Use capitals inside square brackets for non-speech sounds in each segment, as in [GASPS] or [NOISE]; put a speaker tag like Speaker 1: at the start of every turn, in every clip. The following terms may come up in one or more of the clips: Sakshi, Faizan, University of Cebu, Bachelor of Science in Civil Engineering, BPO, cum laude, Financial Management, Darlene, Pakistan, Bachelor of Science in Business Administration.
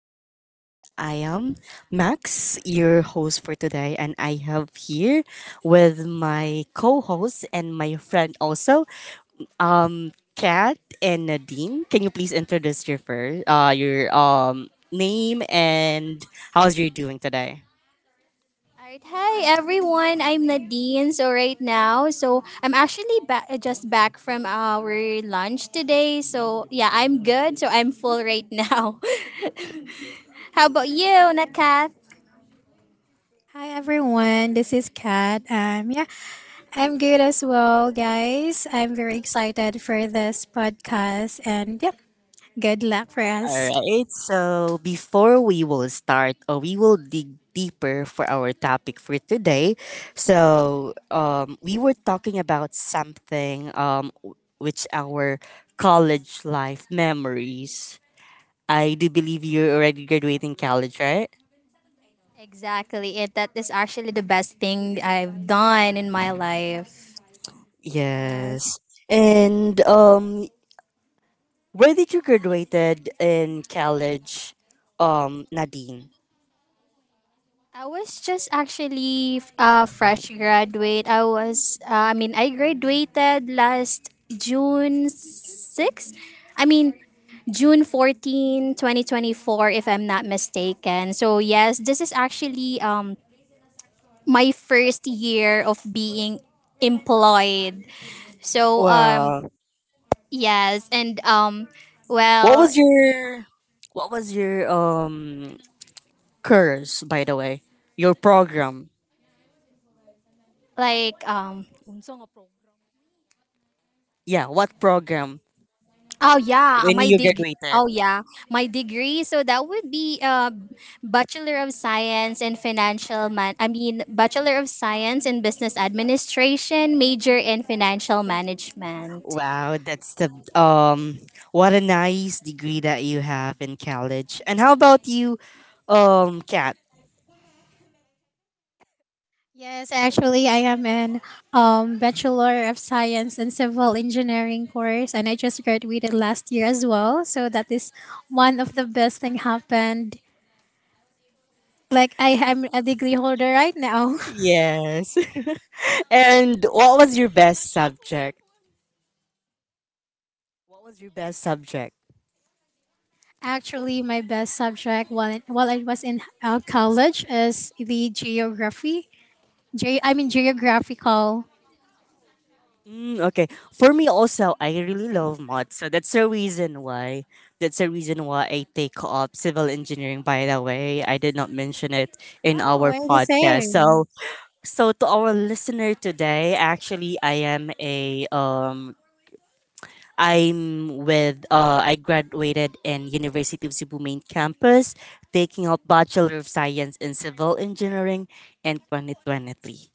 Speaker 1: our podcast. I am Max, your host for today, and I have here with my co host and my friend also, Kat and Nadine. Can you please introduce your first, your name and how's you doing today?
Speaker 2: Alright, hi everyone. I'm Nadine. So right now, I'm actually just back from our lunch today. So yeah, I'm good. So I'm full right now. [LAUGHS] How about you, Nakath?
Speaker 1: All right. So before we will start, we will dig deeper for our topic for today. We were talking about something which our college life memories. I do believe you're already graduating college, right?
Speaker 2: Exactly. It that is actually the best thing I've done in my life.
Speaker 1: Yes. And where did you graduated in college, Nadine?
Speaker 2: I was just actually a fresh graduate. I graduated last June 6th. I mean, June 14, 2024, if I'm not mistaken. So yes, this is actually my first year of being employed. So,
Speaker 1: Wow.
Speaker 2: yes, and,
Speaker 1: What
Speaker 2: well,
Speaker 1: was your what was your curse, by the way. Your program.
Speaker 2: like,
Speaker 1: Yeah, what program?
Speaker 2: Oh yeah, When
Speaker 1: When
Speaker 2: my you
Speaker 1: you
Speaker 2: dig. Get
Speaker 1: graduated.
Speaker 2: Oh yeah, my degree. So that would be Bachelor of Science in Financial Man. I mean, Bachelor of Science in Business Administration, major in Financial Management.
Speaker 1: Wow, that's the um what a nice degree that you have in college. And how about you, Kat? Yes. [LAUGHS] And what was your best subject? What was your best subject? Mm, okay. For me also, I really love math. So that's the reason why that's the reason why I take up civil engineering by the way. I did not mention it in our podcast. So to our listener today, actually I am a I graduated in University of Cebu main campus taking up Bachelor of Science in Civil Engineering in 2023.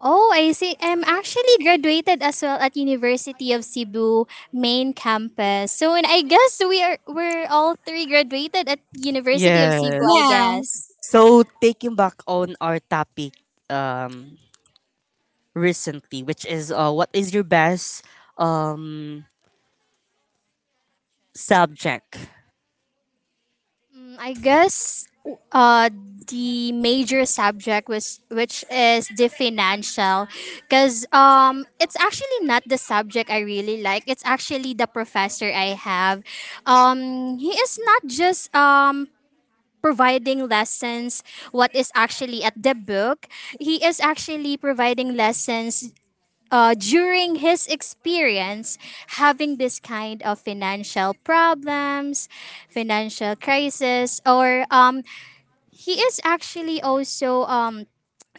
Speaker 2: Oh, I see. I'm actually graduated as well at University of Cebu main campus. So, and I guess we're all three graduated at University of Cebu, I
Speaker 1: Yes.
Speaker 2: guess.
Speaker 1: So taking back on our topic um recently, which is what is your best um subject?
Speaker 2: I guess uh, the major subject was which is the financial, because it's actually not the subject I really like, it's actually the professor I have. He is not just providing lessons what is actually at the book, he is actually providing lessons during his experience having this kind of financial problems, financial crisis, or he is actually also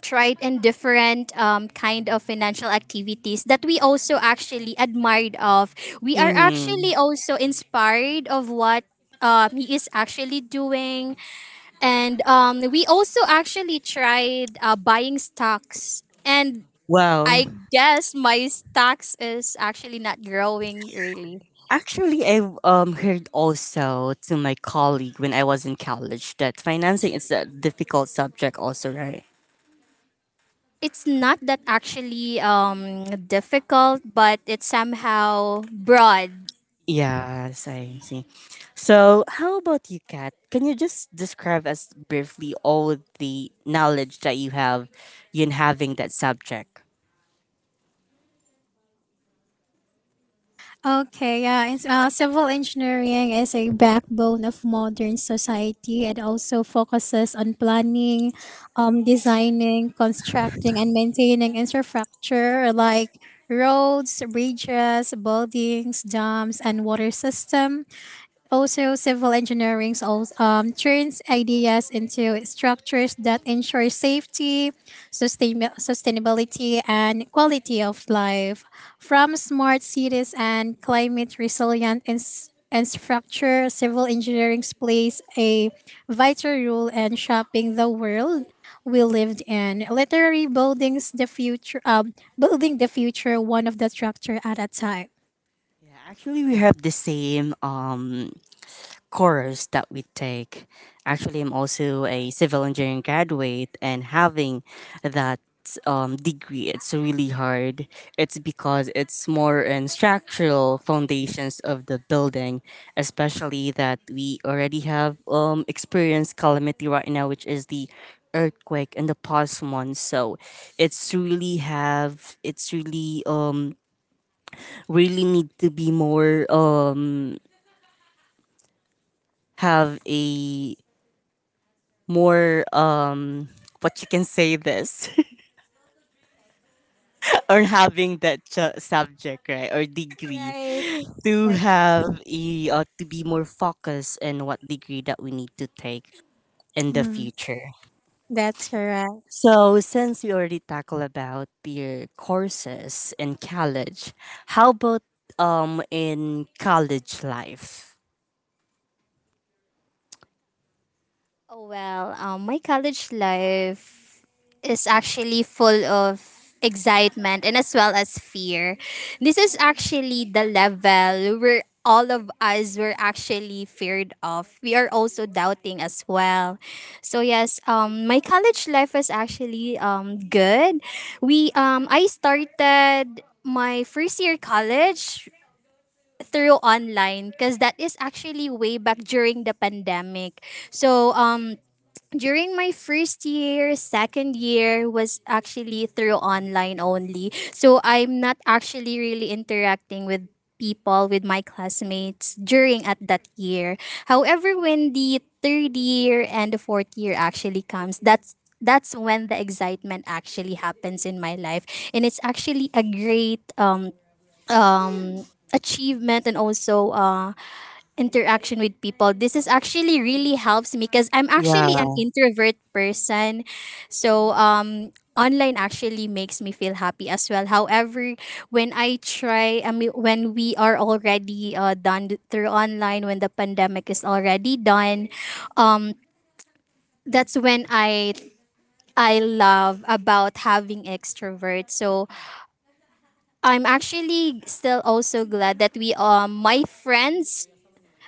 Speaker 2: tried in different kind of financial activities that we also actually admired of. We are actually
Speaker 1: Mm.
Speaker 2: also inspired of what he is actually doing. And we also actually tried buying stocks. And
Speaker 1: Well,
Speaker 2: I guess my stocks is actually not growing really.
Speaker 1: actually I've heard also to my colleague when I was in college that financing is a difficult subject also, right?
Speaker 2: It's not that actually difficult, but it's somehow broad.
Speaker 1: Yes, I see. So, how about you, Kat? Can you just describe us briefly all the knowledge that you have in having that subject? Yeah, actually, we have the same course that we take. Actually, I'm also a civil engineering graduate, and having that degree, it's really hard. It's because it's more in structural foundations of the building, especially that we already have experienced calamity right now, which is the earthquake and the past one. So, it's really need to be more have a more what you can say this [LAUGHS] or having that subject right or degree to have a to be more focused in what degree that we need to take in the future. So since we already tackle about the courses in college, how about in college life?
Speaker 2: Oh, well, my college life is actually full of excitement and as well as fear. This is actually the level where all of us were actually feared of. We are also doubting as well. So yes, my college life was actually good. We I started my first year college through online because that is actually way back during the pandemic. So during my first year, second year was actually through online only. So I'm not actually really interacting with people, with my classmates during at that year. However, when the third year and the fourth year actually comes, that's when the excitement actually happens in my life, and it's actually a great um achievement and also interaction with people. This is actually really helps me because I'm
Speaker 1: Yeah.
Speaker 2: actually an introvert person. So online actually makes me feel happy as well. However, when I try I mean when we are already done through online, when the pandemic is already done, um that's when I love about having extroverts. So I'm actually still also glad that we my friends,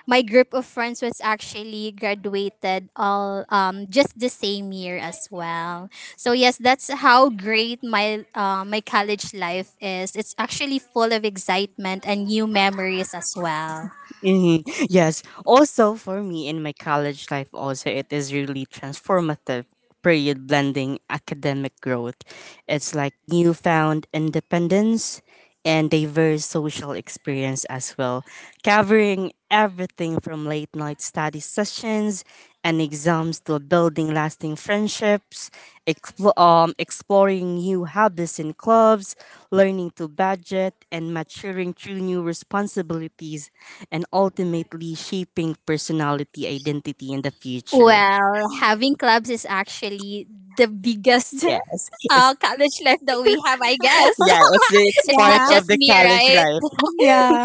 Speaker 2: my group of friends was actually graduated all just the same year as well. So yes, that's how great my my college life is. It's actually full of excitement and new memories as well.
Speaker 1: Mhm. Yes. Also, for me in my college life, also it is really transformative period blending academic growth. It's like newfound independence and diverse social experience as well, covering everything from late night study sessions and exams to building lasting friendships, exploring new hobbies and clubs, learning to budget, and maturing through new responsibilities and ultimately shaping personality, identity, in the future.
Speaker 2: Well, having clubs is actually the biggest
Speaker 1: Yes,
Speaker 2: [LAUGHS]
Speaker 1: it's,
Speaker 2: college life that we have, I
Speaker 1: [LAUGHS]
Speaker 2: guess.
Speaker 1: yeah, it's
Speaker 2: [LAUGHS] It's
Speaker 1: part
Speaker 2: not
Speaker 1: of
Speaker 2: just
Speaker 1: the
Speaker 2: me,
Speaker 1: college
Speaker 2: right?
Speaker 1: life.
Speaker 2: [LAUGHS]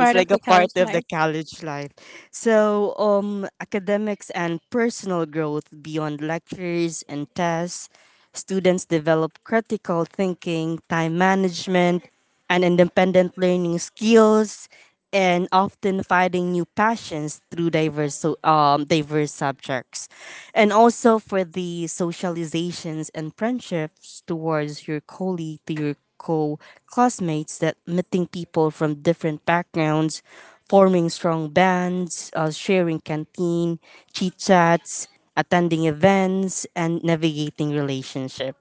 Speaker 1: It's like a part of the college life. So, academics and personal growth beyond lectures and tests, students develop critical thinking, time management, and independent learning skills, and often finding new passions through diverse diverse subjects, and also for the socializations and friendships towards your colleague to your co classmates that meeting people from different backgrounds forming strong bands, sharing canteen, chit chats, attending events, and navigating relationships.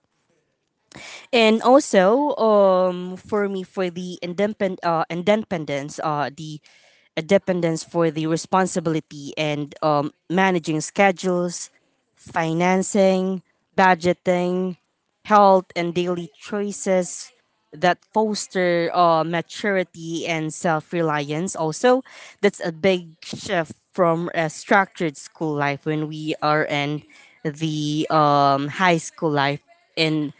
Speaker 1: And also, for me, for the independence, the dependence for the responsibility and managing schedules, financing, budgeting, health, and daily choices that foster maturity and self reliance. Also, that's a big shift from a structured school life when we are in the high school life. And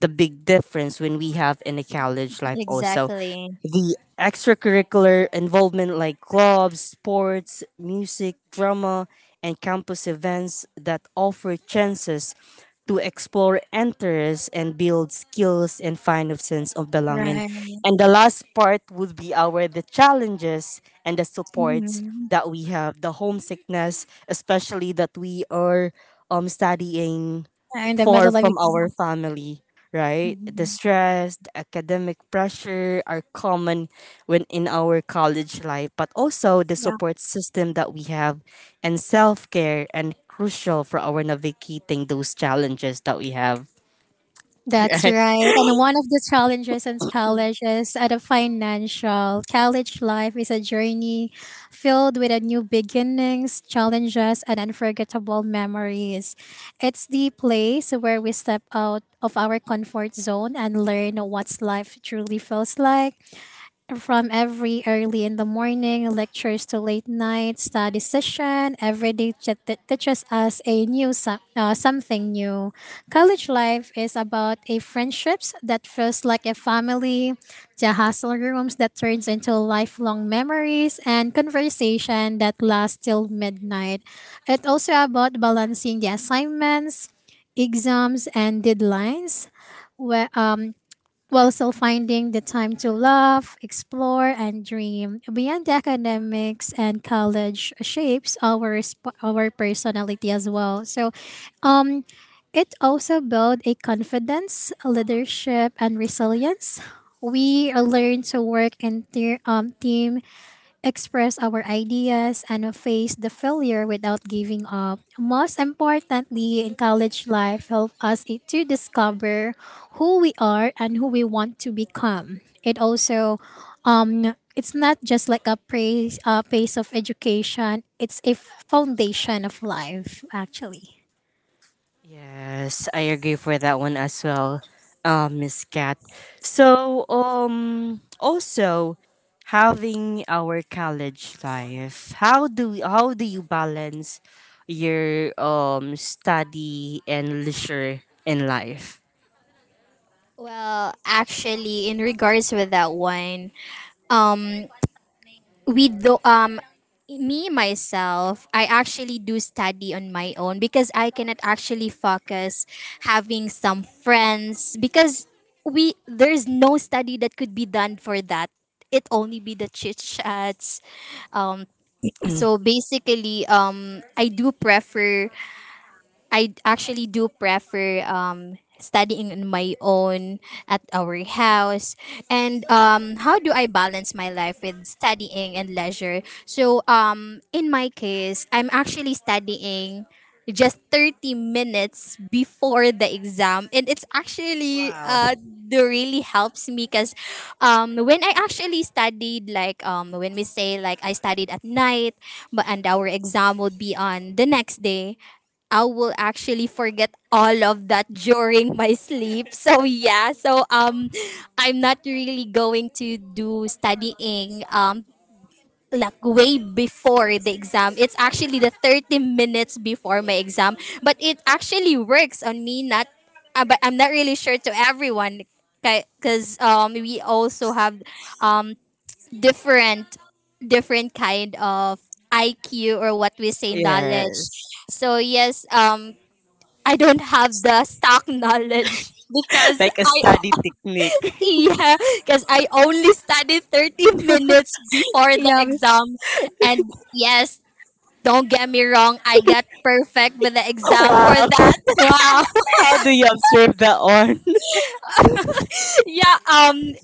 Speaker 1: the big difference when we have in a college life also
Speaker 2: Exactly.
Speaker 1: the extracurricular involvement like clubs, sports, music, drama, and campus events that offer chances to explore interests and build skills and find a sense of belonging. And the last part would be our the challenges and the supports that we have, the homesickness, especially that we are studying far from our family, right? The stress, the academic pressure are common when in our college life, but also the support system that we have and self-care and crucial for our navigating those challenges that we have, [LAUGHS] right? Yes, I agree for that one as well, Miss Kat. So, also having our college life, how do you balance your study and leisure in life? [CLEARS THROAT]
Speaker 2: Well, actually, in regards with that one, um, we do me myself, I actually do study on my own because I cannot actually focus having some friends, because we there's no study that could be done for that. It only be the chit chats. Um,
Speaker 1: Mm.
Speaker 2: so basically, I actually do prefer studying on my own at our house. And how do I balance my life with studying and leisure? So in my case, I'm actually studying just 30 minutes before the exam, and it's actually
Speaker 1: Wow.
Speaker 2: the really helps me, because when I actually studied, like, when we say, like, I studied at night but and our exam would be on the next day, I will actually forget all of that during my sleep. So yeah, so I'm not really going to do studying like way before the exam. It's actually the 30 minutes before my exam, but it actually works on me. Not uh, but I'm not really sure to everyone, because we also have um different different kind of IQ or what we say knowledge.
Speaker 1: Yes.
Speaker 2: So yes, I don't have the stock knowledge
Speaker 1: [LAUGHS]
Speaker 2: because
Speaker 1: Like a
Speaker 2: I
Speaker 1: study technique.
Speaker 2: yeah, because I only studied 30 minutes before the exam, and yes, don't get me wrong, I got perfect with the
Speaker 1: [LAUGHS]
Speaker 2: exam for
Speaker 1: Wow.
Speaker 2: that.
Speaker 1: How do you observe that on
Speaker 2: [LAUGHS] Yeah,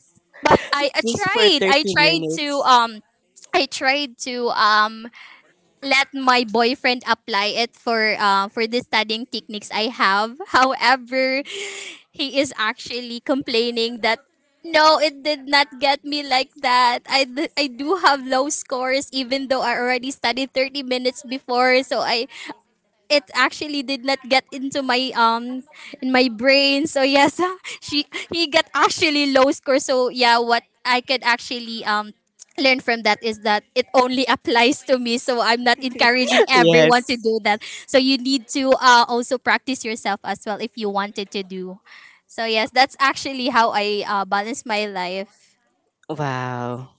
Speaker 2: but
Speaker 1: [LAUGHS] just for 30 minutes?
Speaker 2: I tried to let my boyfriend apply it for the studying techniques I have. [LAUGHS] However, he is actually complaining that no, it did not get me like that. I do have low scores even though I already studied 30 minutes before. So I, it actually did not get into my in my brain. So yes, [LAUGHS] she he got actually low score. So yeah, what I could actually learn from that is that it only [LAUGHS] applies to me. So I'm not encouraging everyone
Speaker 1: Yes.
Speaker 2: to do that. So you need to also practice yourself as well if you wanted to do. So yes, that's actually how I balance my life.
Speaker 1: Wow.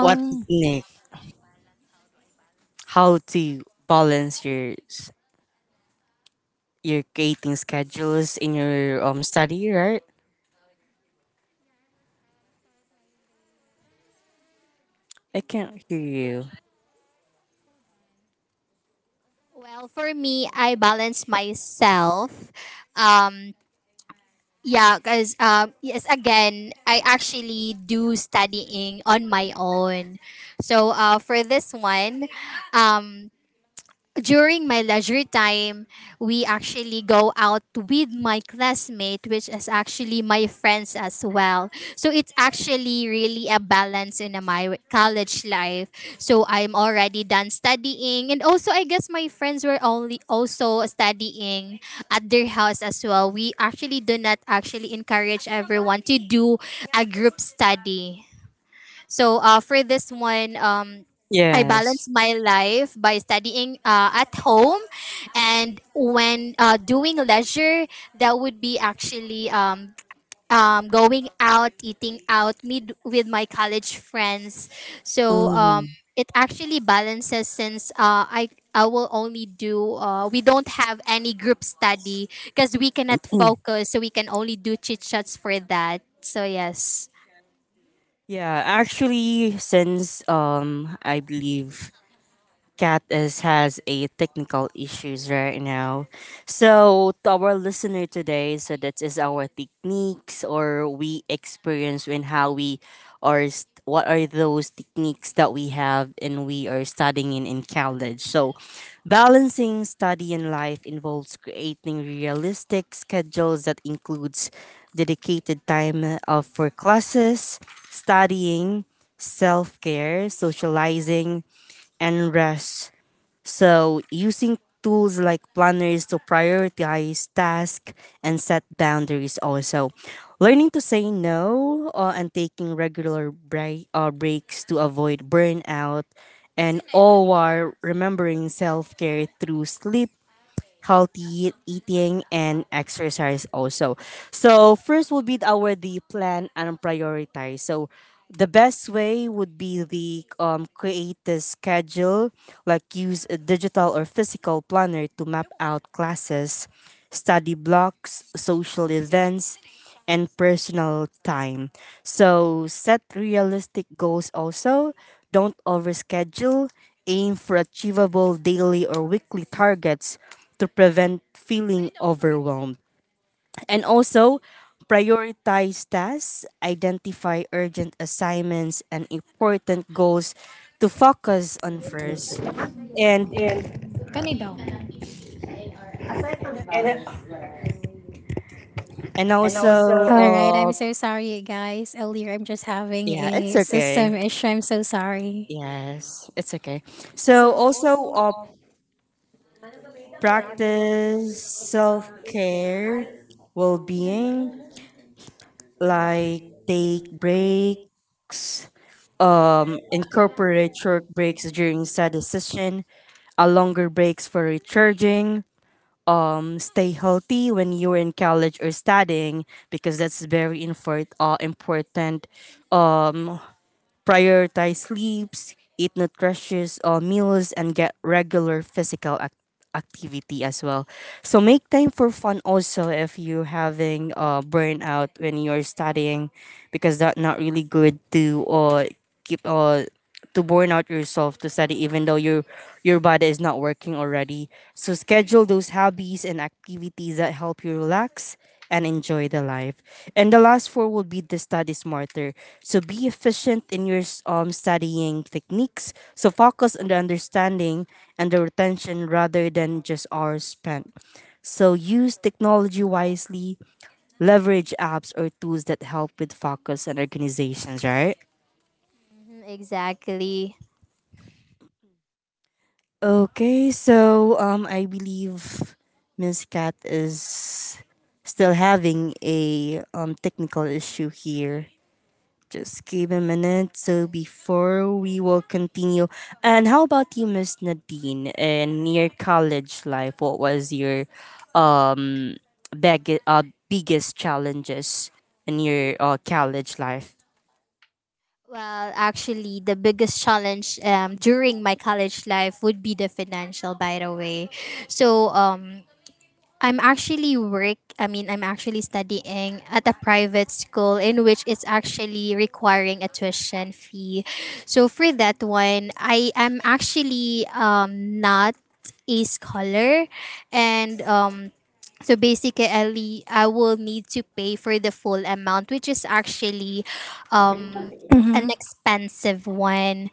Speaker 1: What technique? How to balance your creating schedules in your study, right? I can't hear you.
Speaker 2: Well, for me, I balance myself. Um, Yeah, because yes, again, I actually do studying on my own. So for this one, um, during my leisure time, we actually go out with my classmate, which is actually my friends as well. So it's actually really a balance in my college life. So I'm already done studying, and also I guess my friends were only also studying at their house as well. We actually do not actually encourage everyone to do a group study. So for this one, I balance
Speaker 1: Yes.
Speaker 2: my life by studying at home, and when doing leisure, that would be actually going out, eating out, meet with my college friends. So
Speaker 1: Mm-hmm.
Speaker 2: it actually balances since I will only do we don't have any group study because we cannot
Speaker 1: Mm.
Speaker 2: focus, so we can only do chit chats for that. So yes.
Speaker 1: Yeah, actually, since I believe cat is has a technical issues right now. So to our listener today, so that is our techniques or we experience when how we are what are those techniques that we have and we are studying in college. So balancing study and life involves creating realistic schedules that includes dedicated time of for classes, studying, self-care, socializing, and rest, so using tools like planners to prioritize tasks and set boundaries also. Learning to say no, and taking regular breaks to avoid burnout and all while remembering self-care through sleep, healthy eating and exercise also. So first we'll be our the plan and prioritize. So the best way would be the create the schedule like use a digital or physical planner to map out classes, study blocks, social events, and personal time. So set realistic goals also. Don't overschedule. Aim for achievable daily or weekly targets to prevent feeling overwhelmed. And also, prioritize tasks, identify urgent assignments and important goals to focus on first. And and yeah, it's okay. Yes, it's okay. So also, practice self care, well being, like take breaks, incorporate short breaks during study session, a longer breaks for recharging. Stay healthy when you're in college or studying because that's very important. Um, prioritize sleeps, eat nutritious meals, and get regular activity as well. So make time for fun also if you're having burnout when you're studying, because that's not really good to keep to burn out yourself to study even though your body is not working already. So schedule those hobbies and activities that help you relax and enjoy the life. And the last four will be the study smarter. So be efficient in studying techniques. So focus on the understanding and the retention rather than just hours spent. So use technology wisely, leverage apps or tools that help with focus and organizations, right?
Speaker 2: Mhm, exactly.
Speaker 1: Okay, so I believe Miss Kat is still having a technical issue here. Just give a minute. So before we will continue, and how about you, Miss Nadine? In your college life, what was your um bag- uh, biggest challenges in your college life?
Speaker 2: Well, actually, the biggest challenge during my college life would be the financial, by the way. So, I'm actually work. I mean, I'm actually studying at a private school in which it's actually requiring a tuition fee. So for that one, I am actually not a scholar, and so basically, I will need to pay for the full amount, which is actually um an expensive one.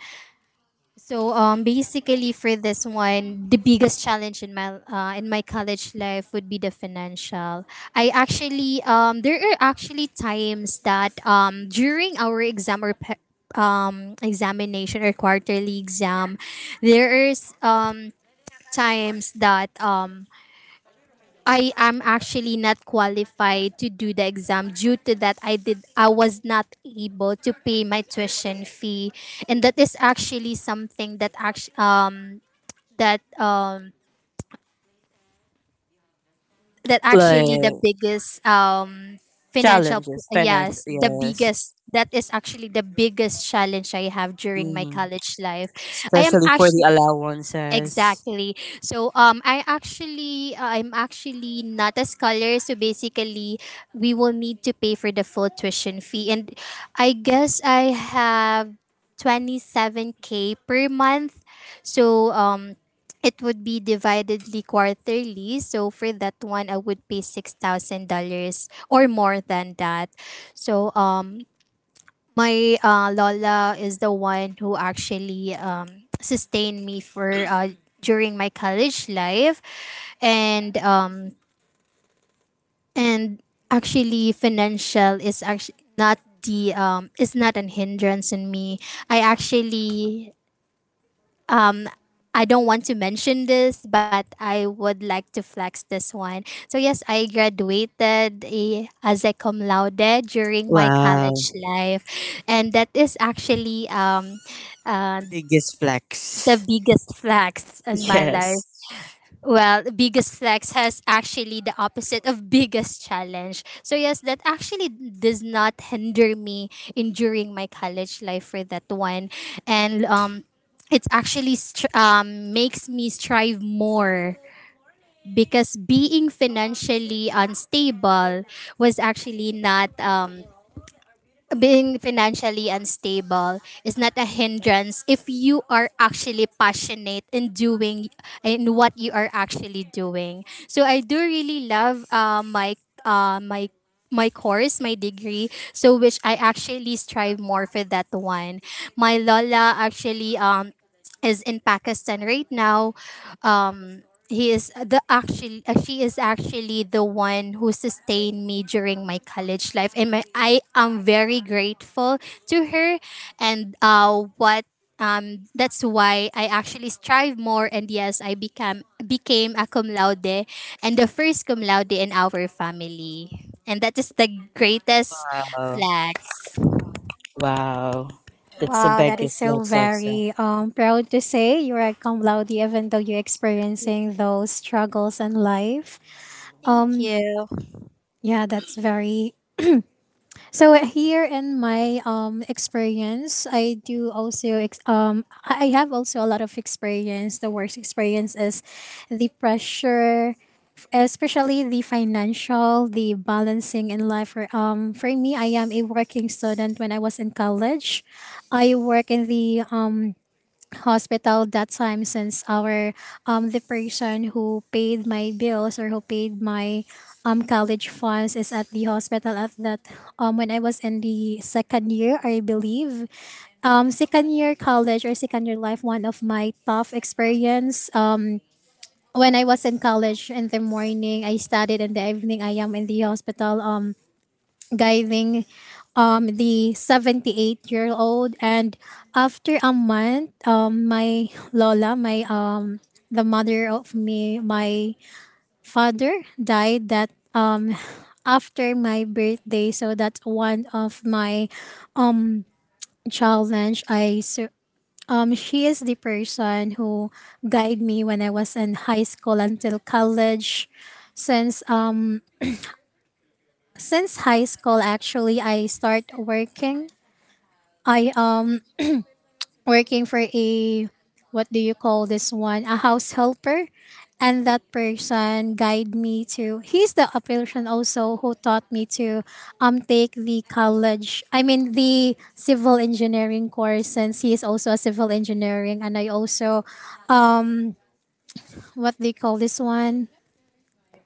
Speaker 2: So basically for this one, the biggest challenge in my college life would be the financial. I actually there are actually times that during our exam or examination or quarterly exam, there is times that I am actually not qualified to do the exam due to that I was not able to pay my tuition fee, and that is actually something that that um that
Speaker 1: Like
Speaker 2: actually the biggest financial
Speaker 1: challenges, financial,
Speaker 2: yes, the
Speaker 1: yes.
Speaker 2: biggest, that is actually the biggest challenge I have during my
Speaker 1: Mm-hmm.
Speaker 2: college life. I am
Speaker 1: Especially for the
Speaker 2: actually
Speaker 1: allowances.
Speaker 2: exactly. So I'm actually not a scholar, so basically we will need to pay for the full tuition fee, and I guess I have 27k per month. So it would be dividedly quarterly. So for that one, I would pay $6,000 or more than that. So my lola is the one who actually sustained me for during my college life, and and actually financial is actually not the is not an hindrance in me. I actually, I don't want to mention this, but I would like to flex this one. So yes, I graduated as a cum laude during my
Speaker 1: Wow,
Speaker 2: college life, and that is actually uh,
Speaker 1: biggest
Speaker 2: the
Speaker 1: flex. [LAUGHS]
Speaker 2: biggest flex in my
Speaker 1: Yes.
Speaker 2: life. Well, biggest flex has actually the opposite of biggest challenge. So yes, that actually does not hinder me in during my college life for that one, and it actually makes me strive more, because being financially unstable was actually not being financially unstable is not a hindrance if you are actually passionate in doing in what you are actually doing. So I do really love uh, my my course, my degree, so which I actually strive more for that one. My lola actually is in Pakistan right now. Um, he is the actually she is actually the one who sustained me during my college life, and my, I am very grateful to her. And what that's why I actually strive more, and yes, I became a cum laude and the first cum laude in our family, and that is the greatest
Speaker 1: Wow,
Speaker 2: flex.
Speaker 1: wow, that's the biggest flex also.
Speaker 2: Thank you.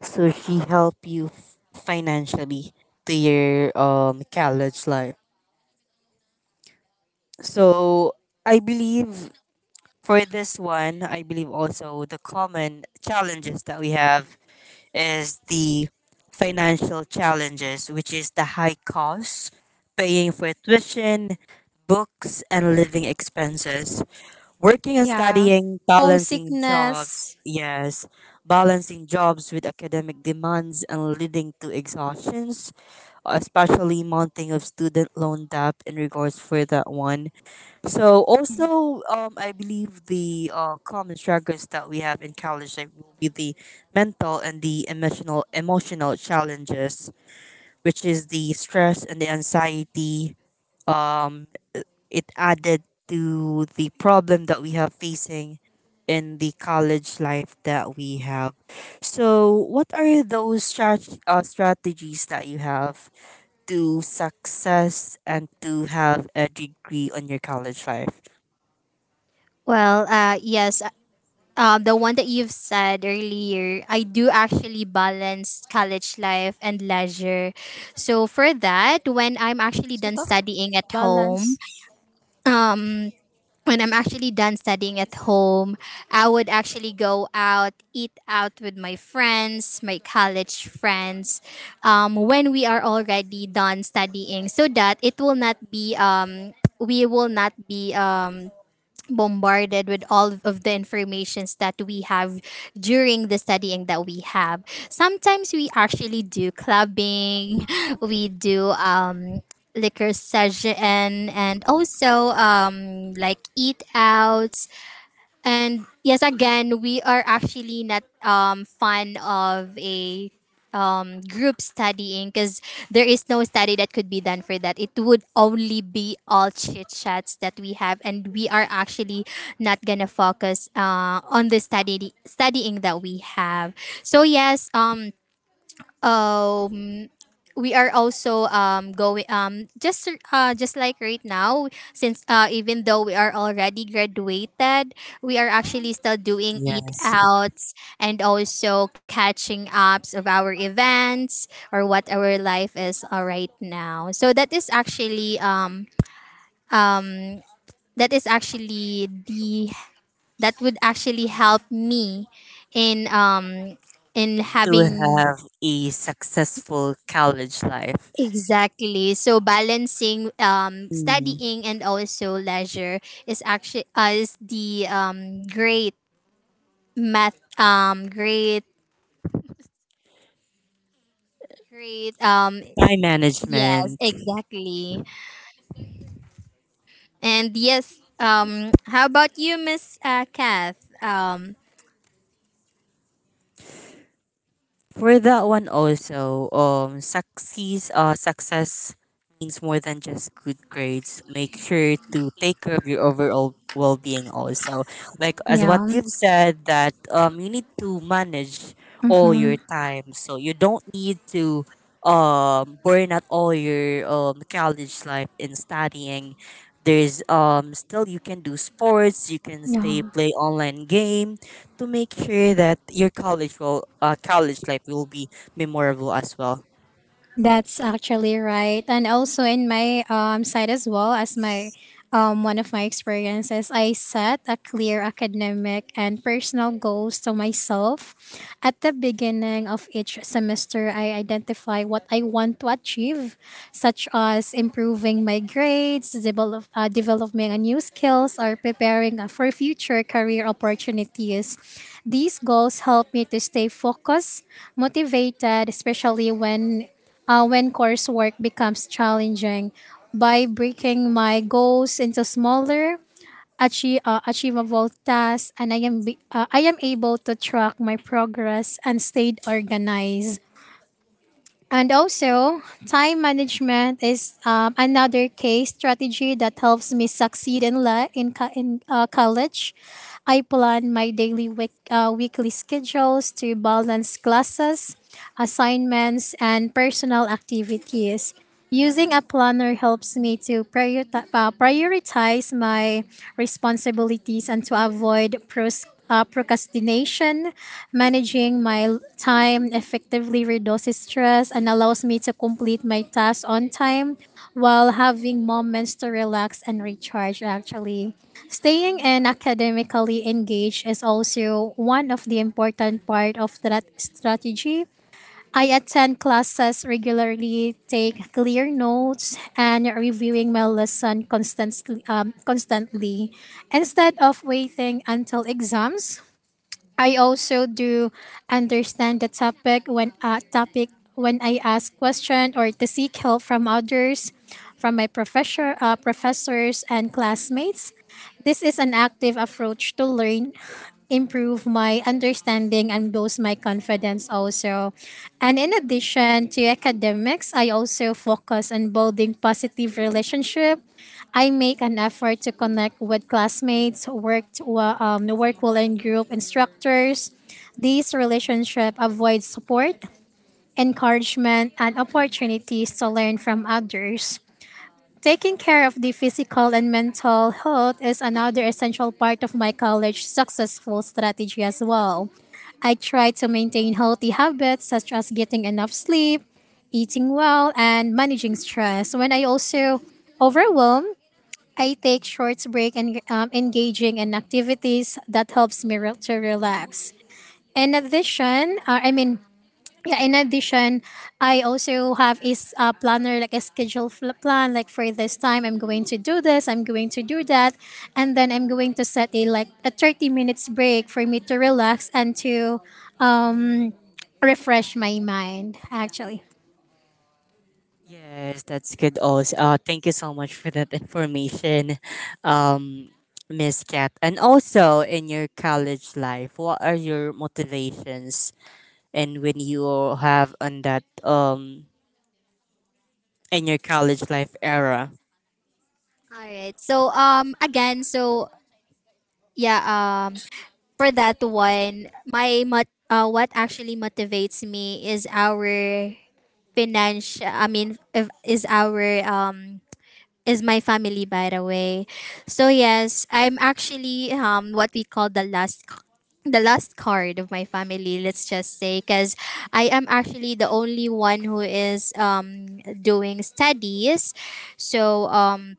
Speaker 1: So she helped you financially to your college life. So I believe for this one, I believe also the common challenges that we have is the financial challenges, which is the high costs, paying for tuition, books, and living expenses. Working and studying, balancing jobs, yes, balancing jobs with academic demands and leading to exhaustions, especially mounting of student loan debt in regards for that one. So also, I believe the common struggles that we have in college like, will be the mental and the emotional challenges, which is the stress and the anxiety. Um, i- it added to the problem that we have facing in the college life that we have. So, what are those strategies that you have to success and to have a degree on your college life?
Speaker 2: Well, uh, yes, the one that you've said earlier, I do actually balance college life and leisure. So for that, when I'm actually done studying at home, um, when I'm actually done studying at home, I would actually go out, eat out with my friends, my college friends, when we are already done studying, so that it will not be we will not be bombarded with all of the informations that we have during the studying that we have. Sometimes we actually do clubbing. [LAUGHS] We do liquor session and also like eat outs. And yes, again, we are actually not fan of a group studying, because there is no study that could be done for that. It would only be all chit chats that we have, and we are actually not gonna focus on the studying that we have. So um we are also going just like right now, since even though we are already graduated, we are actually still doing eat
Speaker 1: Yes,
Speaker 2: outs and also catching ups of our events or what our life is right now. So um that is actually the that would actually help me in um in
Speaker 1: to
Speaker 2: having.
Speaker 1: have a successful college life.
Speaker 2: Exactly. So balancing
Speaker 1: Mm.
Speaker 2: studying and also leisure is actually is the great math great great.
Speaker 1: Time
Speaker 2: Yes,
Speaker 1: management.
Speaker 2: exactly. And yes, how about you, Miss Kath?
Speaker 1: For that one also, success means more than just good grades. Make sure to take care of your overall well-being also. Like as what you've said that you need to manage all your time, so you don't need to burn out all your college life in studying. There's still you can do sports, you can stay play online games to make sure that your college life will be memorable as well. Yes, that's good. Also, thank you so much for that information, um, Miss Kat. And also, in your college life, what are your motivations? And when you have on that in your college life era.
Speaker 2: All right. So um again so yeah um for that one, what actually motivates me is our financial I mean if, is our is my family, by the way. So yes, I'm actually what we call the last card of my family, let's just say, because I am actually the only one who is doing studies. so um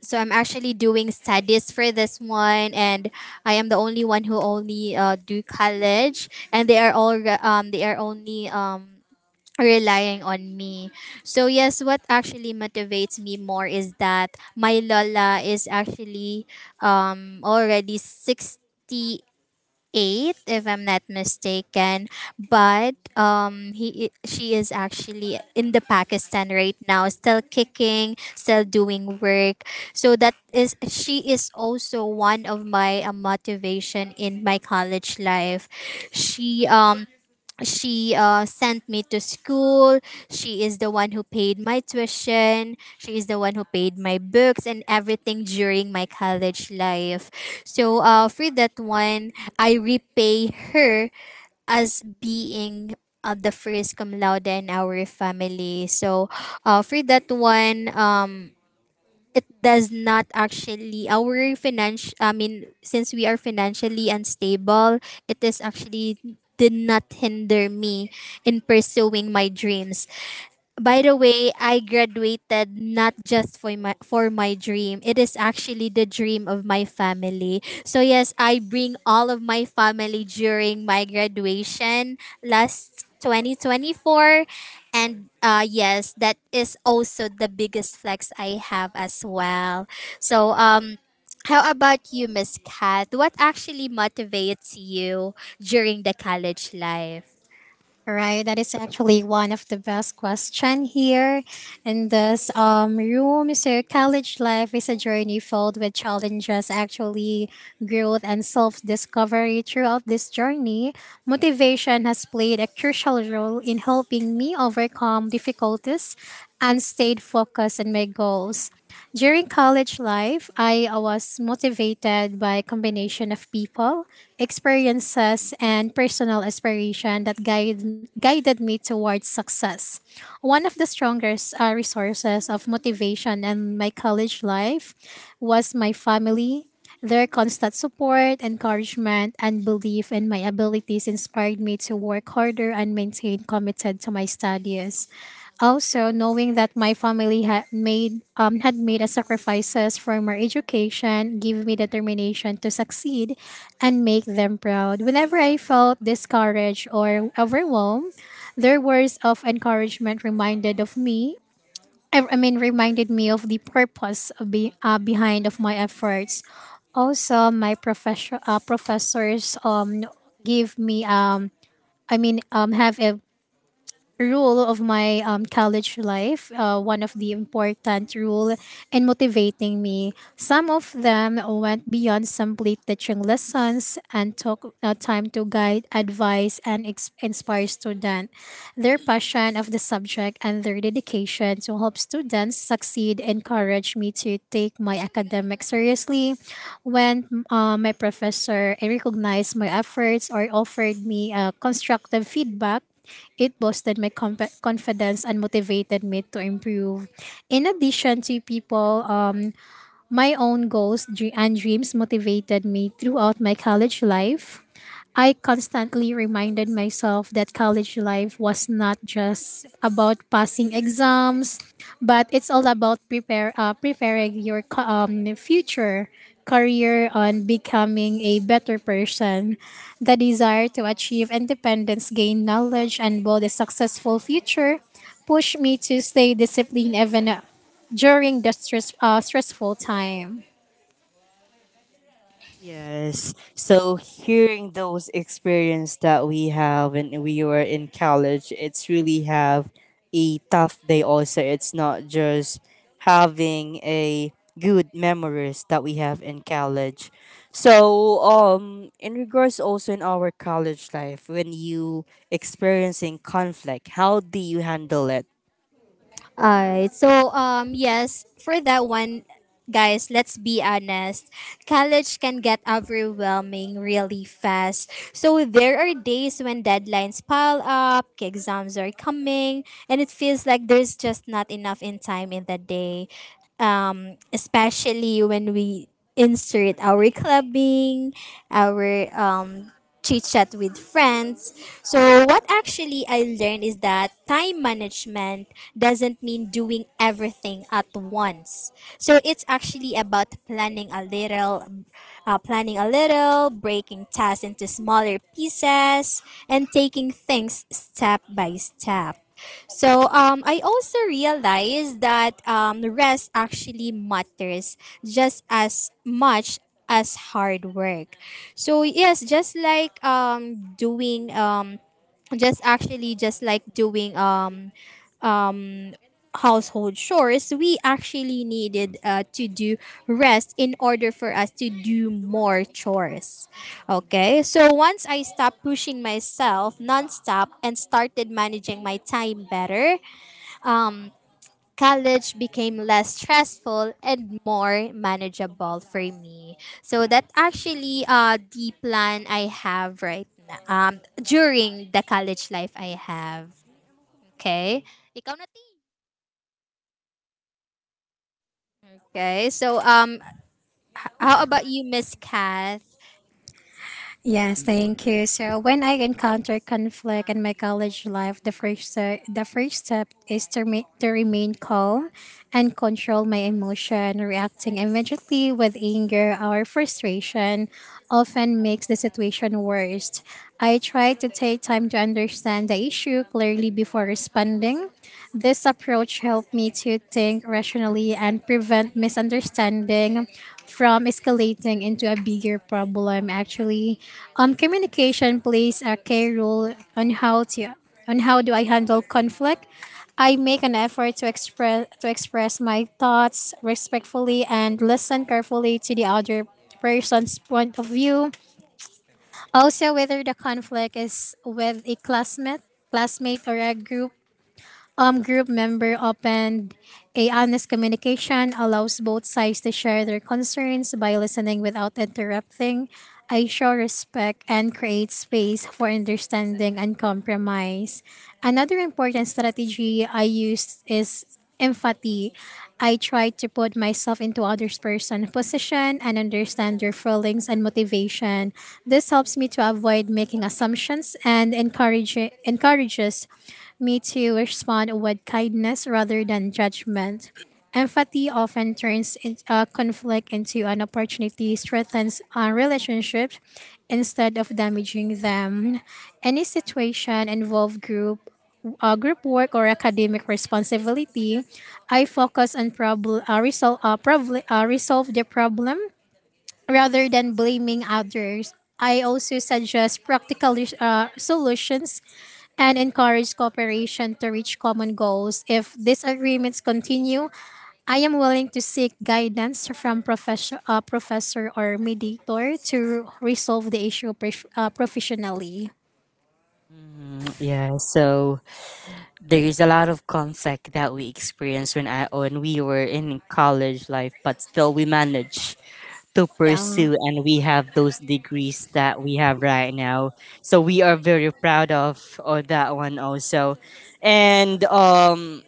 Speaker 2: so I'm actually doing studies for this one, and I am the only one who only do college, and they are all they are only relying on me. So yes, what actually motivates me more is that my Lola is actually already 68, if I'm not mistaken. But she is actually in the Pakistan right now, still kicking, still doing work. So that is, she is also one of my motivation in my college life. She um she sent me to school. She is the one who paid my tuition. She is the one who paid my books and everything during my college life. So for that one, I repay her as being the first cum laude in our family. So for that one, it does not actually our financial I mean since we are financially unstable, it is actually did not hinder me in pursuing my dreams. By the way, I graduated not just for my dream. It is actually the dream of my family. So yes, I bring all of my family during my graduation last 2024, and yes, that is also the biggest flex I have as well. So, how about you, Miss Kat? What actually motivates you during the college life?
Speaker 1: Yes. So hearing those experience that we have when we were in college, it's really have a tough day also. It's not just having a good memories that we have in college. So in regards also in our college life when you experiencing conflict, how do you handle it?
Speaker 2: All right. So, yes, for that one, guys, let's be honest. College can get overwhelming really fast. So, there are days when deadlines pile up, exams are coming, and it feels like there's just not enough in time in the day. Especially when we insert our clubbing, our chit chat with friends. So, what actually I learned is that time management doesn't mean doing everything at once. So, it's actually about planning a little, breaking tasks into smaller pieces, and taking things step by step. So I also realized that rest actually matters just as much as hard work. So yes, just like doing household chores, we actually needed to do rest in order for us to do more chores. Okay, so once I stopped pushing myself nonstop and started managing my time better, um college became less stressful and more manageable for me. So that actually the plan I have right now during the college life I have. Okay? Ikaw na T. Okay. So how about you, Miss Kath?
Speaker 1: Mhm, yeah, so there is a lot of conflict that we experienced when we were in college life, but still we managed to pursue and we have those degrees that we have right now. So we are very proud of or that one also. And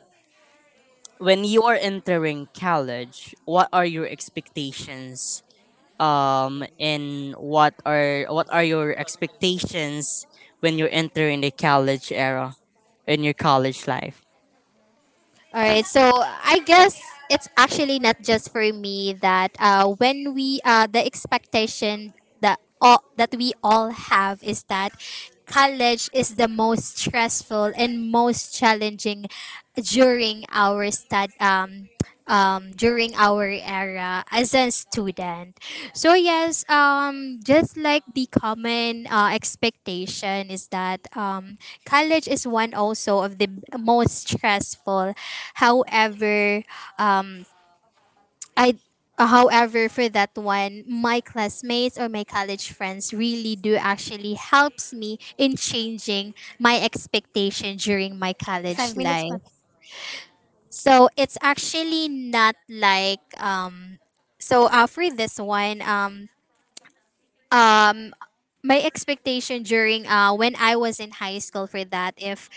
Speaker 1: when you are entering college, what are your expectations? And what are your expectations when you're entering the college era in your college life?
Speaker 2: All right. So I guess it's actually not just for me that when we the expectation that all that we all have is that college is the most stressful and most challenging during our stud during our era as a student. So yes, just like the common expectation is that college is one also of the most stressful. However, um, I however, for that one, my classmates or my college friends really do actually helps me in changing my expectation during my college life. So it's actually not like for this one, um my expectation during when I was in high school, for that,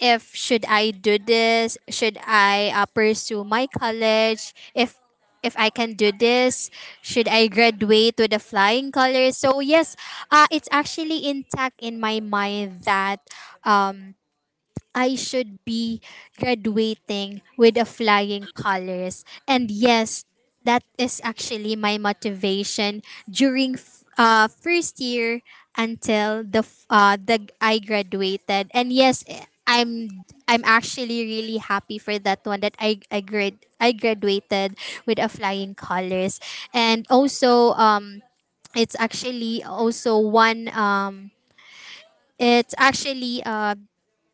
Speaker 2: if should I do this, should I pursue my college, if I can do this, should I graduate with the flying colors? So yes, it's actually intact in my mind that um I should be graduating with a flying colors. And yes, that is actually my motivation during first year until the f- the I graduated. And yes, I'm actually really happy for that one, that I graduated with a flying colors. And also it's actually also one it's actually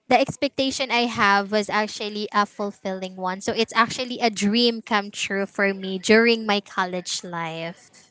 Speaker 2: the expectation I have was actually a fulfilling one. So it's actually a dream come true for me during my college life.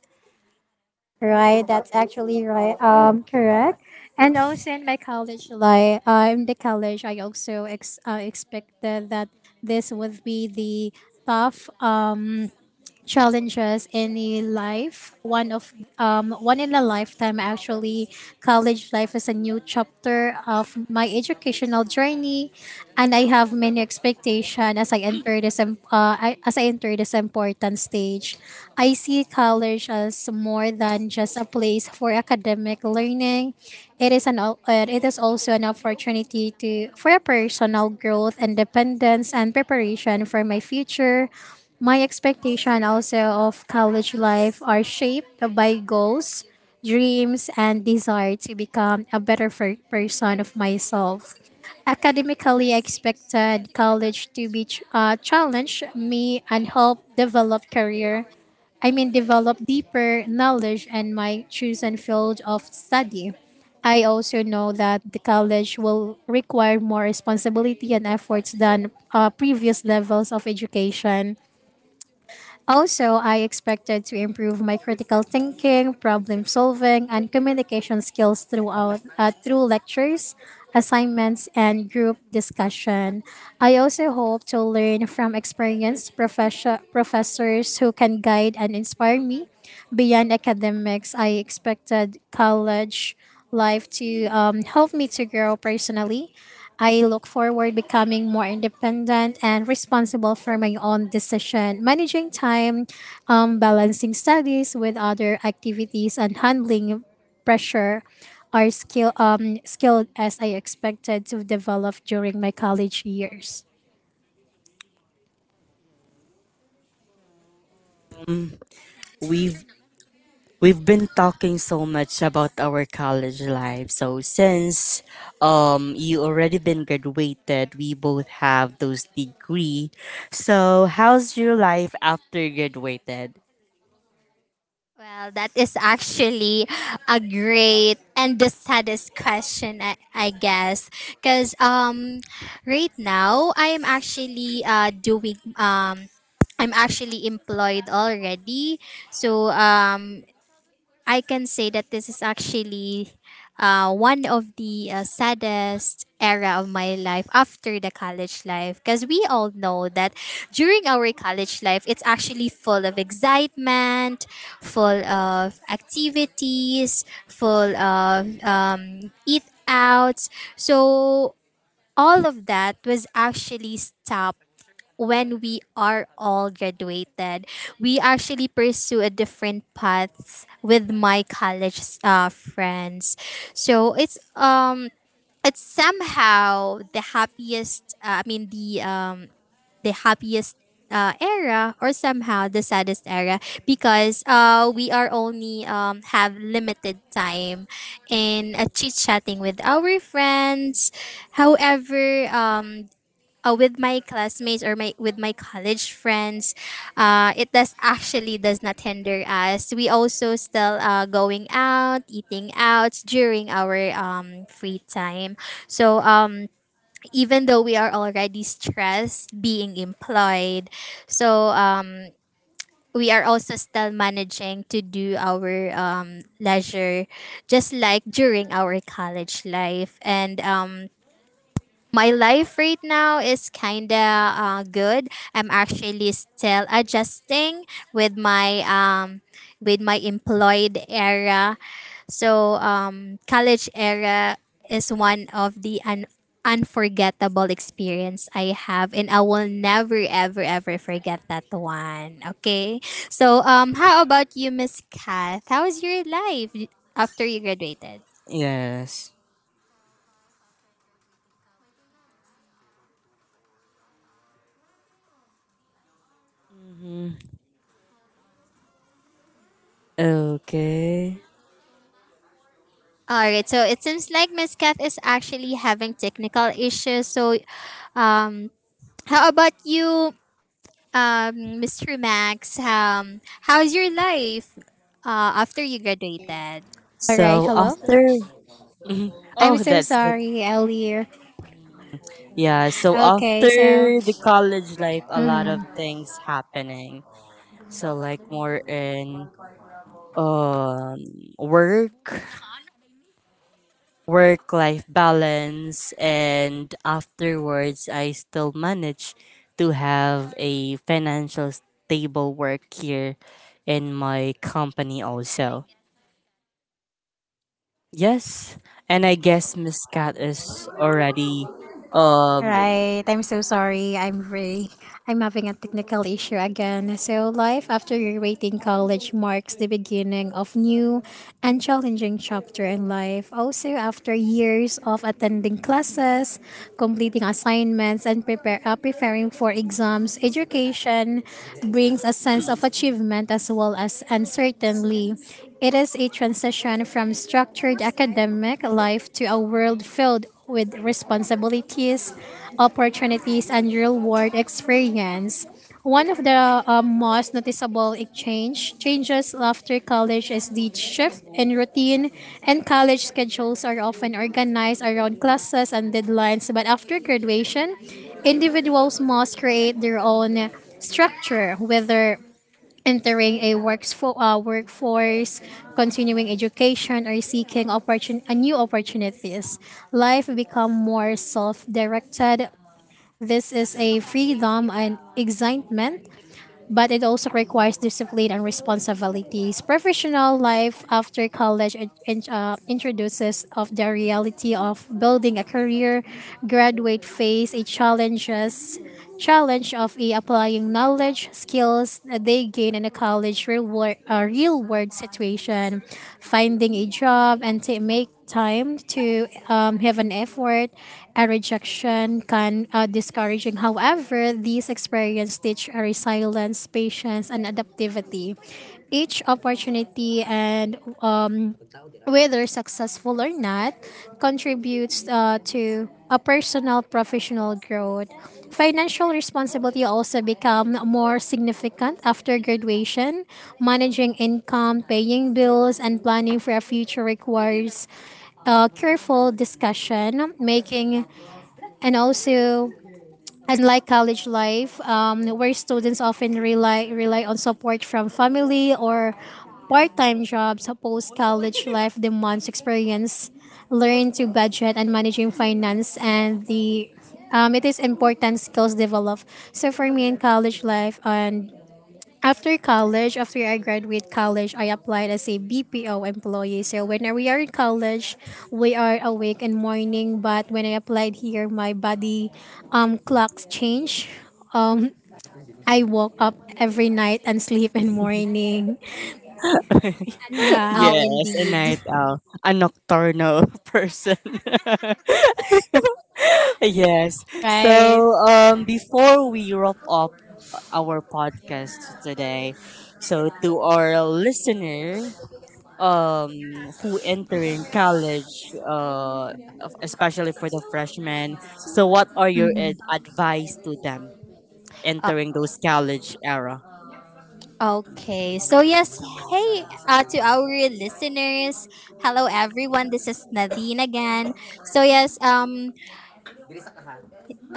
Speaker 1: we've We've been talking so much about our college life. So since you already been graduated, we both have those degree. So how's your life after graduated?
Speaker 2: Well, that is actually a great and the saddest question, I guess. Because right now, I am actually I'm actually employed already. So I can say that this is actually one of the saddest era of my life after the college life, because we all know that during our college life it's actually full of excitement, full of activities, full of eat outs. So all of that was actually stopped when we are all graduated. We actually pursue a different paths with my college friends. So it's somehow the happiest I mean the happiest era, or somehow the saddest era, because we are only have limited time in chit chatting with our friends. However, with my classmates or my with my college friends, it does actually does not hinder us. We also still going out, eating out during our free time. So even though we are already stressed being employed, so um we are also still managing to do our leisure just like during our college life. And my life right now is kinda good. I'm actually still adjusting with my um with my employed era. So college era is one of the unforgettable experience I have, and I will never ever ever forget that one. Okay. So how about you, Miss Kath? How was your life after you graduated?
Speaker 1: Yes. Mm-hmm. Okay.
Speaker 2: All right, so it seems like Miss Kath is actually having technical issues. So, um, how about you, Mr. Max? How's your life after you graduated?
Speaker 3: All right,
Speaker 1: So
Speaker 3: hello.
Speaker 1: after [LAUGHS] Mhm.
Speaker 3: I'm
Speaker 1: Oh
Speaker 3: so
Speaker 1: that's good.
Speaker 3: sorry earlier.
Speaker 1: Yeah, so
Speaker 3: Okay,
Speaker 1: after
Speaker 3: so
Speaker 1: the college life a lot of
Speaker 3: mhm.
Speaker 1: things happening. So like more in um work work life balance and afterwards I still manage to have a financial stable work here in my company also. Yes, and I guess Miss Cat is already um
Speaker 3: Right. I'm so sorry. I'm having a technical issue again. So life after graduating college marks the beginning of new and challenging chapter in life. Also after years of attending classes, completing assignments and prepare preparing for exams, education brings a sense of achievement as well as uncertainty. It is a transition from structured academic life to a world filled with responsibilities, opportunities, and real world experience. One of the most noticeable exchange changes after college is the shift in routine, and college schedules are often organized around classes and deadlines. But after graduation, individuals must create their own structure, whether entering a workforce, continuing education, or seeking new opportunities. Life become more self-directed. This is a freedom and excitement, but it also requires discipline and responsibilities. Professional life after college introduces of the reality of building a career, graduate phase, it challenge of a applying knowledge, skills that they gain in a college real world situation, finding a job and to make time to have an effort. A rejection can discouraging. However, these experiences teach a resilience, patience, and adaptivity. Each opportunity and whether successful or not, contributes to a personal professional growth. Financial responsibility also become more significant after graduation. Managing income, paying bills, and planning for a future requires careful discussion, making and also unlike college life, where students often rely on support from family or part-time jobs, post college life demands experience, learn to budget and managing finance, and the it is important skills developed. So for me in college life and after college, after I graduate college, I applied as a BPO employee. So when we are in college, we are awake and morning. But when I applied here, my body clocks change. I woke up every night and [LAUGHS] sleep in morning.
Speaker 2: A night
Speaker 1: [LAUGHS]
Speaker 3: Yeah.
Speaker 2: owl,
Speaker 1: yes, a
Speaker 2: indeed.
Speaker 1: night owl, a nocturnal [LAUGHS] person. [LAUGHS]
Speaker 2: [GASPS]
Speaker 1: Yes.
Speaker 3: Right.
Speaker 1: So before we wrap up our podcast today. So to our listener um who entering college especially for the freshmen. So what are your advice to them
Speaker 2: Uh,
Speaker 1: entering those college era?
Speaker 2: okay. So
Speaker 3: Yes,
Speaker 2: yes, hey, to
Speaker 3: to our
Speaker 2: our
Speaker 3: listeners,
Speaker 2: listeners.
Speaker 3: hello
Speaker 2: Hello everyone.
Speaker 3: everyone, this
Speaker 2: This
Speaker 3: is
Speaker 2: is
Speaker 3: Darlene
Speaker 2: Nadine
Speaker 3: again.
Speaker 2: again. So
Speaker 3: So yes,
Speaker 2: yes, um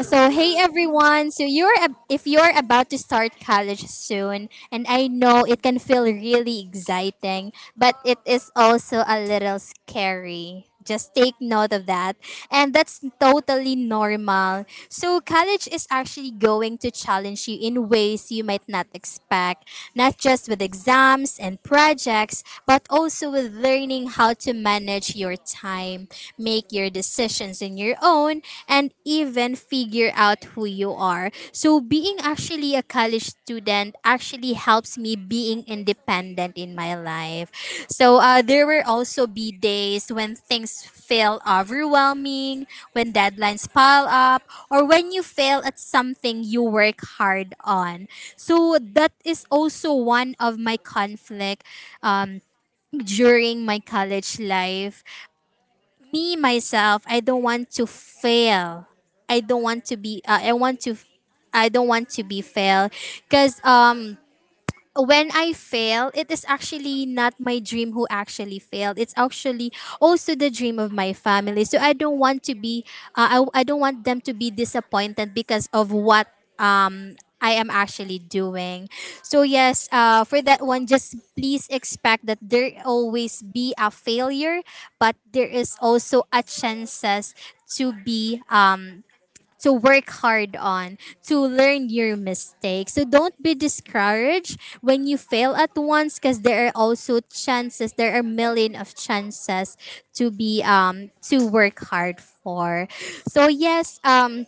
Speaker 2: So hey everyone, if you're about to start college soon, and I know it can feel really exciting, but it is also a little scary. Just take note of that. And that's totally normal. So college is actually going to challenge you in ways you might not expect, not just with exams and projects, but also with learning how to manage your time, make your decisions in your own, and even figure out who you are. So being actually a college student actually helps me being independent in my life. So there will also be days when things feel overwhelming, when deadlines pile up, or when you fail at something you work hard on. So that is also one of my conflict um, during my college life. Me myself, I don't want to fail. I don't want to be I don't want to be failed, because when I fail, it is actually not my dream who actually failed. It's actually also the dream of my family, so I don't want to be I don't want them to be disappointed because of what I am actually doing. So yes, for that one, just please expect that there always be a failure, but there is also a chances to be to work hard on, to learn your mistakes. So don't be discouraged when you fail at once, because there are also chances. There are million of chances to be to work hard for. So yes,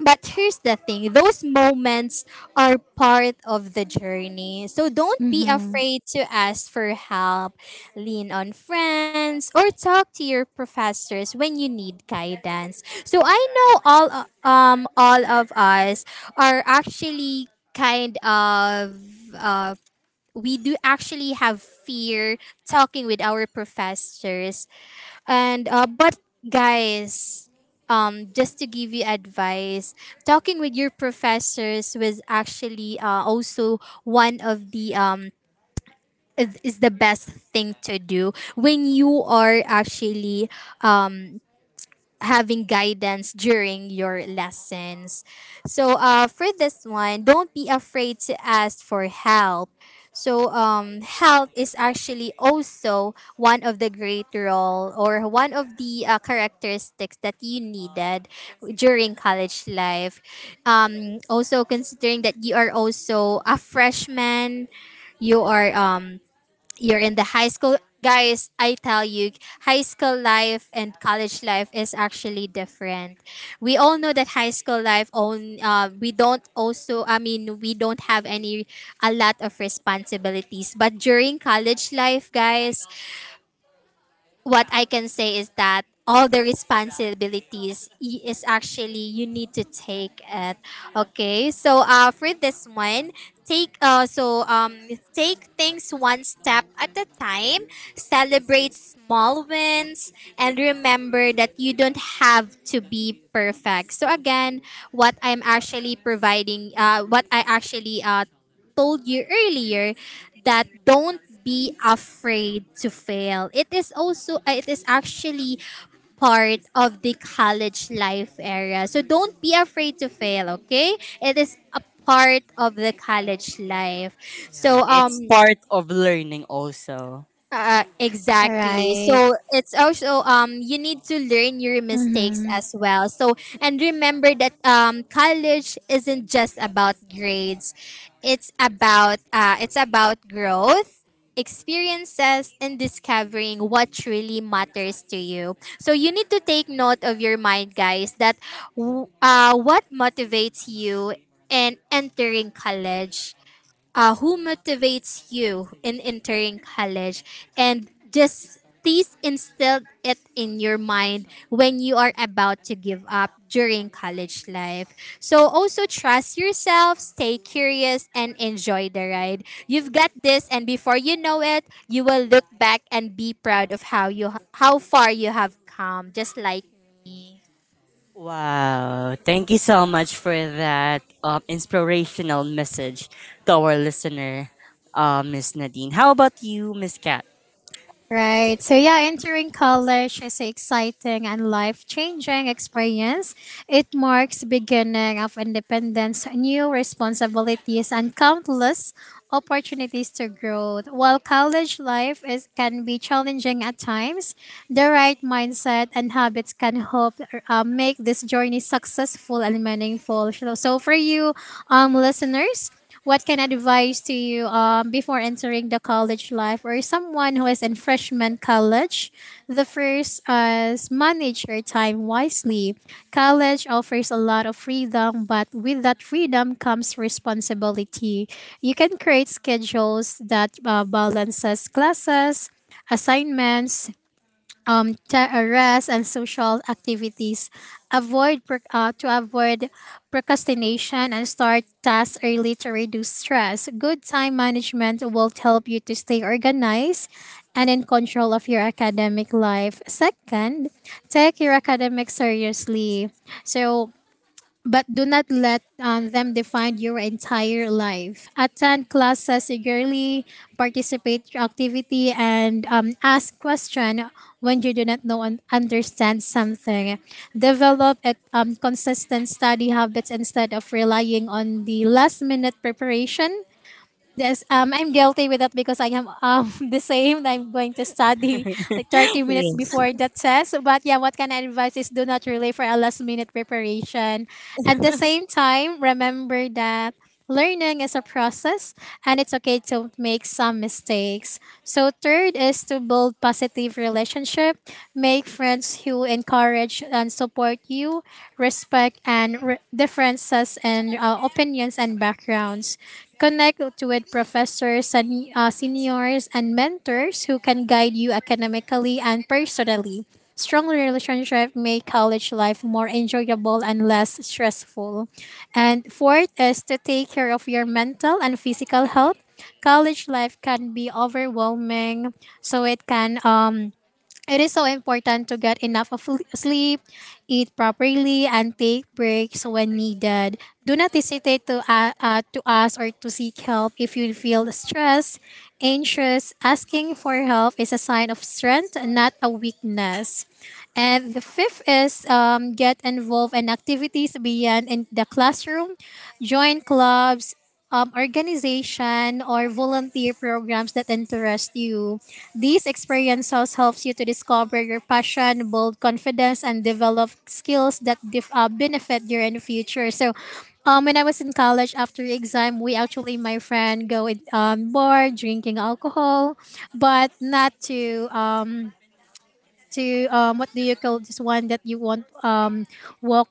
Speaker 2: but here's the thing, those moments are part of the journey. So don't be
Speaker 3: mm-hmm.
Speaker 2: afraid to ask for help, lean on friends, or talk to your professors when you need guidance. So I know all, all of us are actually kind of. Uh, we do actually have fear talking with our professors. And but guys, just to give you advice, talking with your professors was actually also one of the is the best thing to do when you are actually um having guidance during your lessons. So for this one, don't be afraid to ask for help. So help is actually also one of the great role, or one of the characteristics that you needed during college life. Also considering that you are also a freshman, you are you're in the high school. Guys, I tell you, high school life and college life is actually different. We all know that high school life own we don't also I mean we don't have any a lot of responsibilities, but during college life, guys, what I can say is that all the responsibilities is actually you need to take it. Okay, so for this one, take uh, so um, take things one step at a time. Celebrate small wins, and remember that you don't have to be perfect. So again, what I'm actually providing, what I actually told you earlier, that don't be afraid to fail. It is also it is actually part of the college life era. So don't be afraid to fail, okay? It is a part of the college life.
Speaker 1: Yeah,
Speaker 2: So
Speaker 1: it's part of learning also.
Speaker 3: All
Speaker 2: exactly.
Speaker 3: right.
Speaker 2: So it's also you need to learn your mistakes
Speaker 3: Mm-hmm.
Speaker 2: as well. So and remember that college isn't just about grades. It's about growth, experiences, and discovering what truly matters to you. So you need to take note of your mind, guys, that what motivates you in entering college, who motivates you in entering college, and just please instill it in your mind when you are about to give up during college life. So also trust yourself, stay curious, and enjoy the ride. You've got this, and before you know it, you will look back and be proud of how far you have come, just like me.
Speaker 1: Wow. Thank you so much for that inspirational message to our listener, Miss Nadine. How about you, Miss Kat?
Speaker 3: Right. So yeah, entering college is an exciting and life-changing experience. It marks beginning of independence, new responsibilities, and countless opportunities to grow. While college life is can be challenging at times, the right mindset and habits can help make this journey successful and meaningful. So so for you, listeners. What kind of advice to you before entering the college life or someone who is in freshman college? The first is manage your time wisely. College offers a lot of freedom, but with that freedom comes responsibility. You can create schedules that balances classes, assignments, rest and social activities. Avoid to avoid procrastination and start tasks early to reduce stress. Good time management will help you to stay organized and in control of your academic life. Second, take your academics seriously. So but do not let them define your entire life. Attend classes eagerly, participate in activity, and ask question when you do not know and understand something. Develop a consistent study habits instead of relying on the last minute preparation. Yes, I'm guilty with that because I am [LAUGHS] the same. I'm going to study like 30
Speaker 1: [LAUGHS]
Speaker 3: minutes
Speaker 1: Yes.
Speaker 3: before the test. But yeah, what can I advise is do not rely for a last minute preparation. At the same time, remember that learning is a process and it's okay to make some mistakes. So third is to build positive relationship, make friends who encourage and support you, respect and differences and opinions and backgrounds. Connect with professors, seniors, and mentors who can guide you academically and personally. Strong relationships make college life more enjoyable and less stressful. And fourth is to take care of your mental and physical health. College life can be overwhelming, so it is so important to get enough of sleep, eat properly, and take breaks when needed. Do not hesitate to, to ask or to seek help if you feel stressed, anxious. Asking for help is a sign of strength, not a weakness. And the fifth is get involved in activities beyond in the classroom, join clubs, organization, or volunteer programs that interest you. These experiences helps you to discover your passion, build confidence, and develop skills that benefit you in the future. So, when I was in college after exam, we actually my friend go in, bar drinking alcohol, but not to to what do you call this one that you want walk.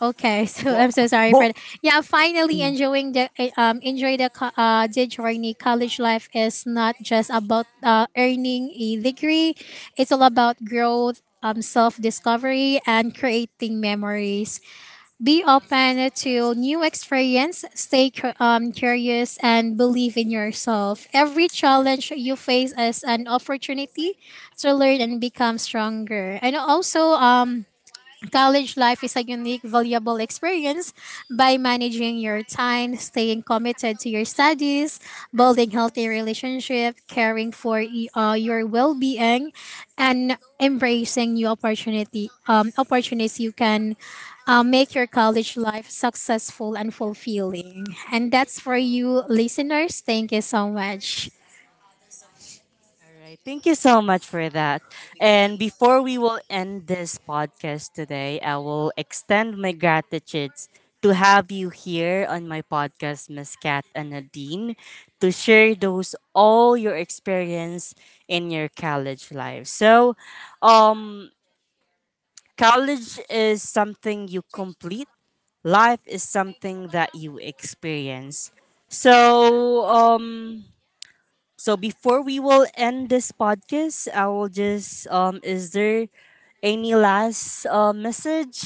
Speaker 3: Okay, [LAUGHS] so
Speaker 1: Well,
Speaker 3: I'm so sorry for that. Yeah, finally
Speaker 1: well,
Speaker 3: enjoying the enjoy the the journey. College life is not just about earning a degree; it's all about growth, self discovery, and creating memories. Be open to new experience. Stay curious and believe in yourself. Every challenge you face is an opportunity to learn and become stronger. And also college life is a unique, valuable experience by managing your time, staying committed to your studies, building healthy relationship, caring for your well-being, and embracing new opportunity opportunities you can make your college life successful and fulfilling. And that's for you, listeners. Thank you so much.
Speaker 1: All right. Thank you so much for that. And before we will end this podcast today, I will extend my gratitude to have you here on my podcast, Miss Kat and Nadine, to share those all your experience in your college life. So, um, college is something you complete. Life is something that you experience. So, so before we will end this podcast, I will just is there any last message?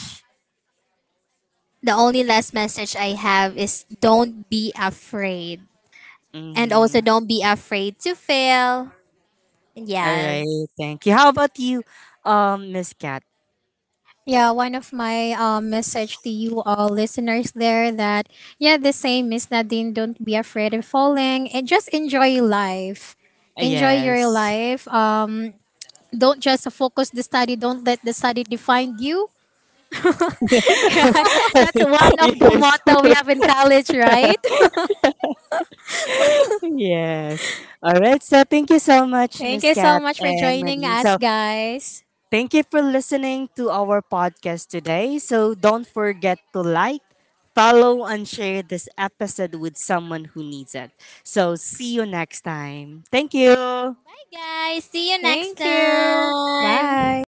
Speaker 2: The only last message I have is, don't be afraid. And also,
Speaker 1: Mm-hmm.
Speaker 2: don't be afraid to fail.
Speaker 1: All right,
Speaker 2: Yes.
Speaker 1: thank you. How about you, Miss Cat?
Speaker 3: Yeah, one of my message to you all listeners there that yeah the same is Nadine, don't be afraid of falling and just enjoy life. Enjoy your
Speaker 1: Yes.
Speaker 3: life. Don't just focus the study, don't let the study define you. [LAUGHS] That's
Speaker 1: [LAUGHS]
Speaker 3: one of the
Speaker 1: Yes.
Speaker 3: motto we have in college, right?
Speaker 1: [LAUGHS] Yes. All right. So thank you so
Speaker 3: [LAUGHS]
Speaker 1: much,
Speaker 3: Thank
Speaker 1: Miss
Speaker 3: you so
Speaker 1: Cat
Speaker 3: much for
Speaker 1: and
Speaker 3: joining
Speaker 1: Nadine.
Speaker 3: us
Speaker 1: So
Speaker 3: guys.
Speaker 1: thank you for listening to our podcast today. So don't forget to like, follow, and share this episode with someone who needs it. So see you next time. Thank you.
Speaker 2: Hi, guys. See you next
Speaker 3: Thank you,
Speaker 2: time.
Speaker 3: bye.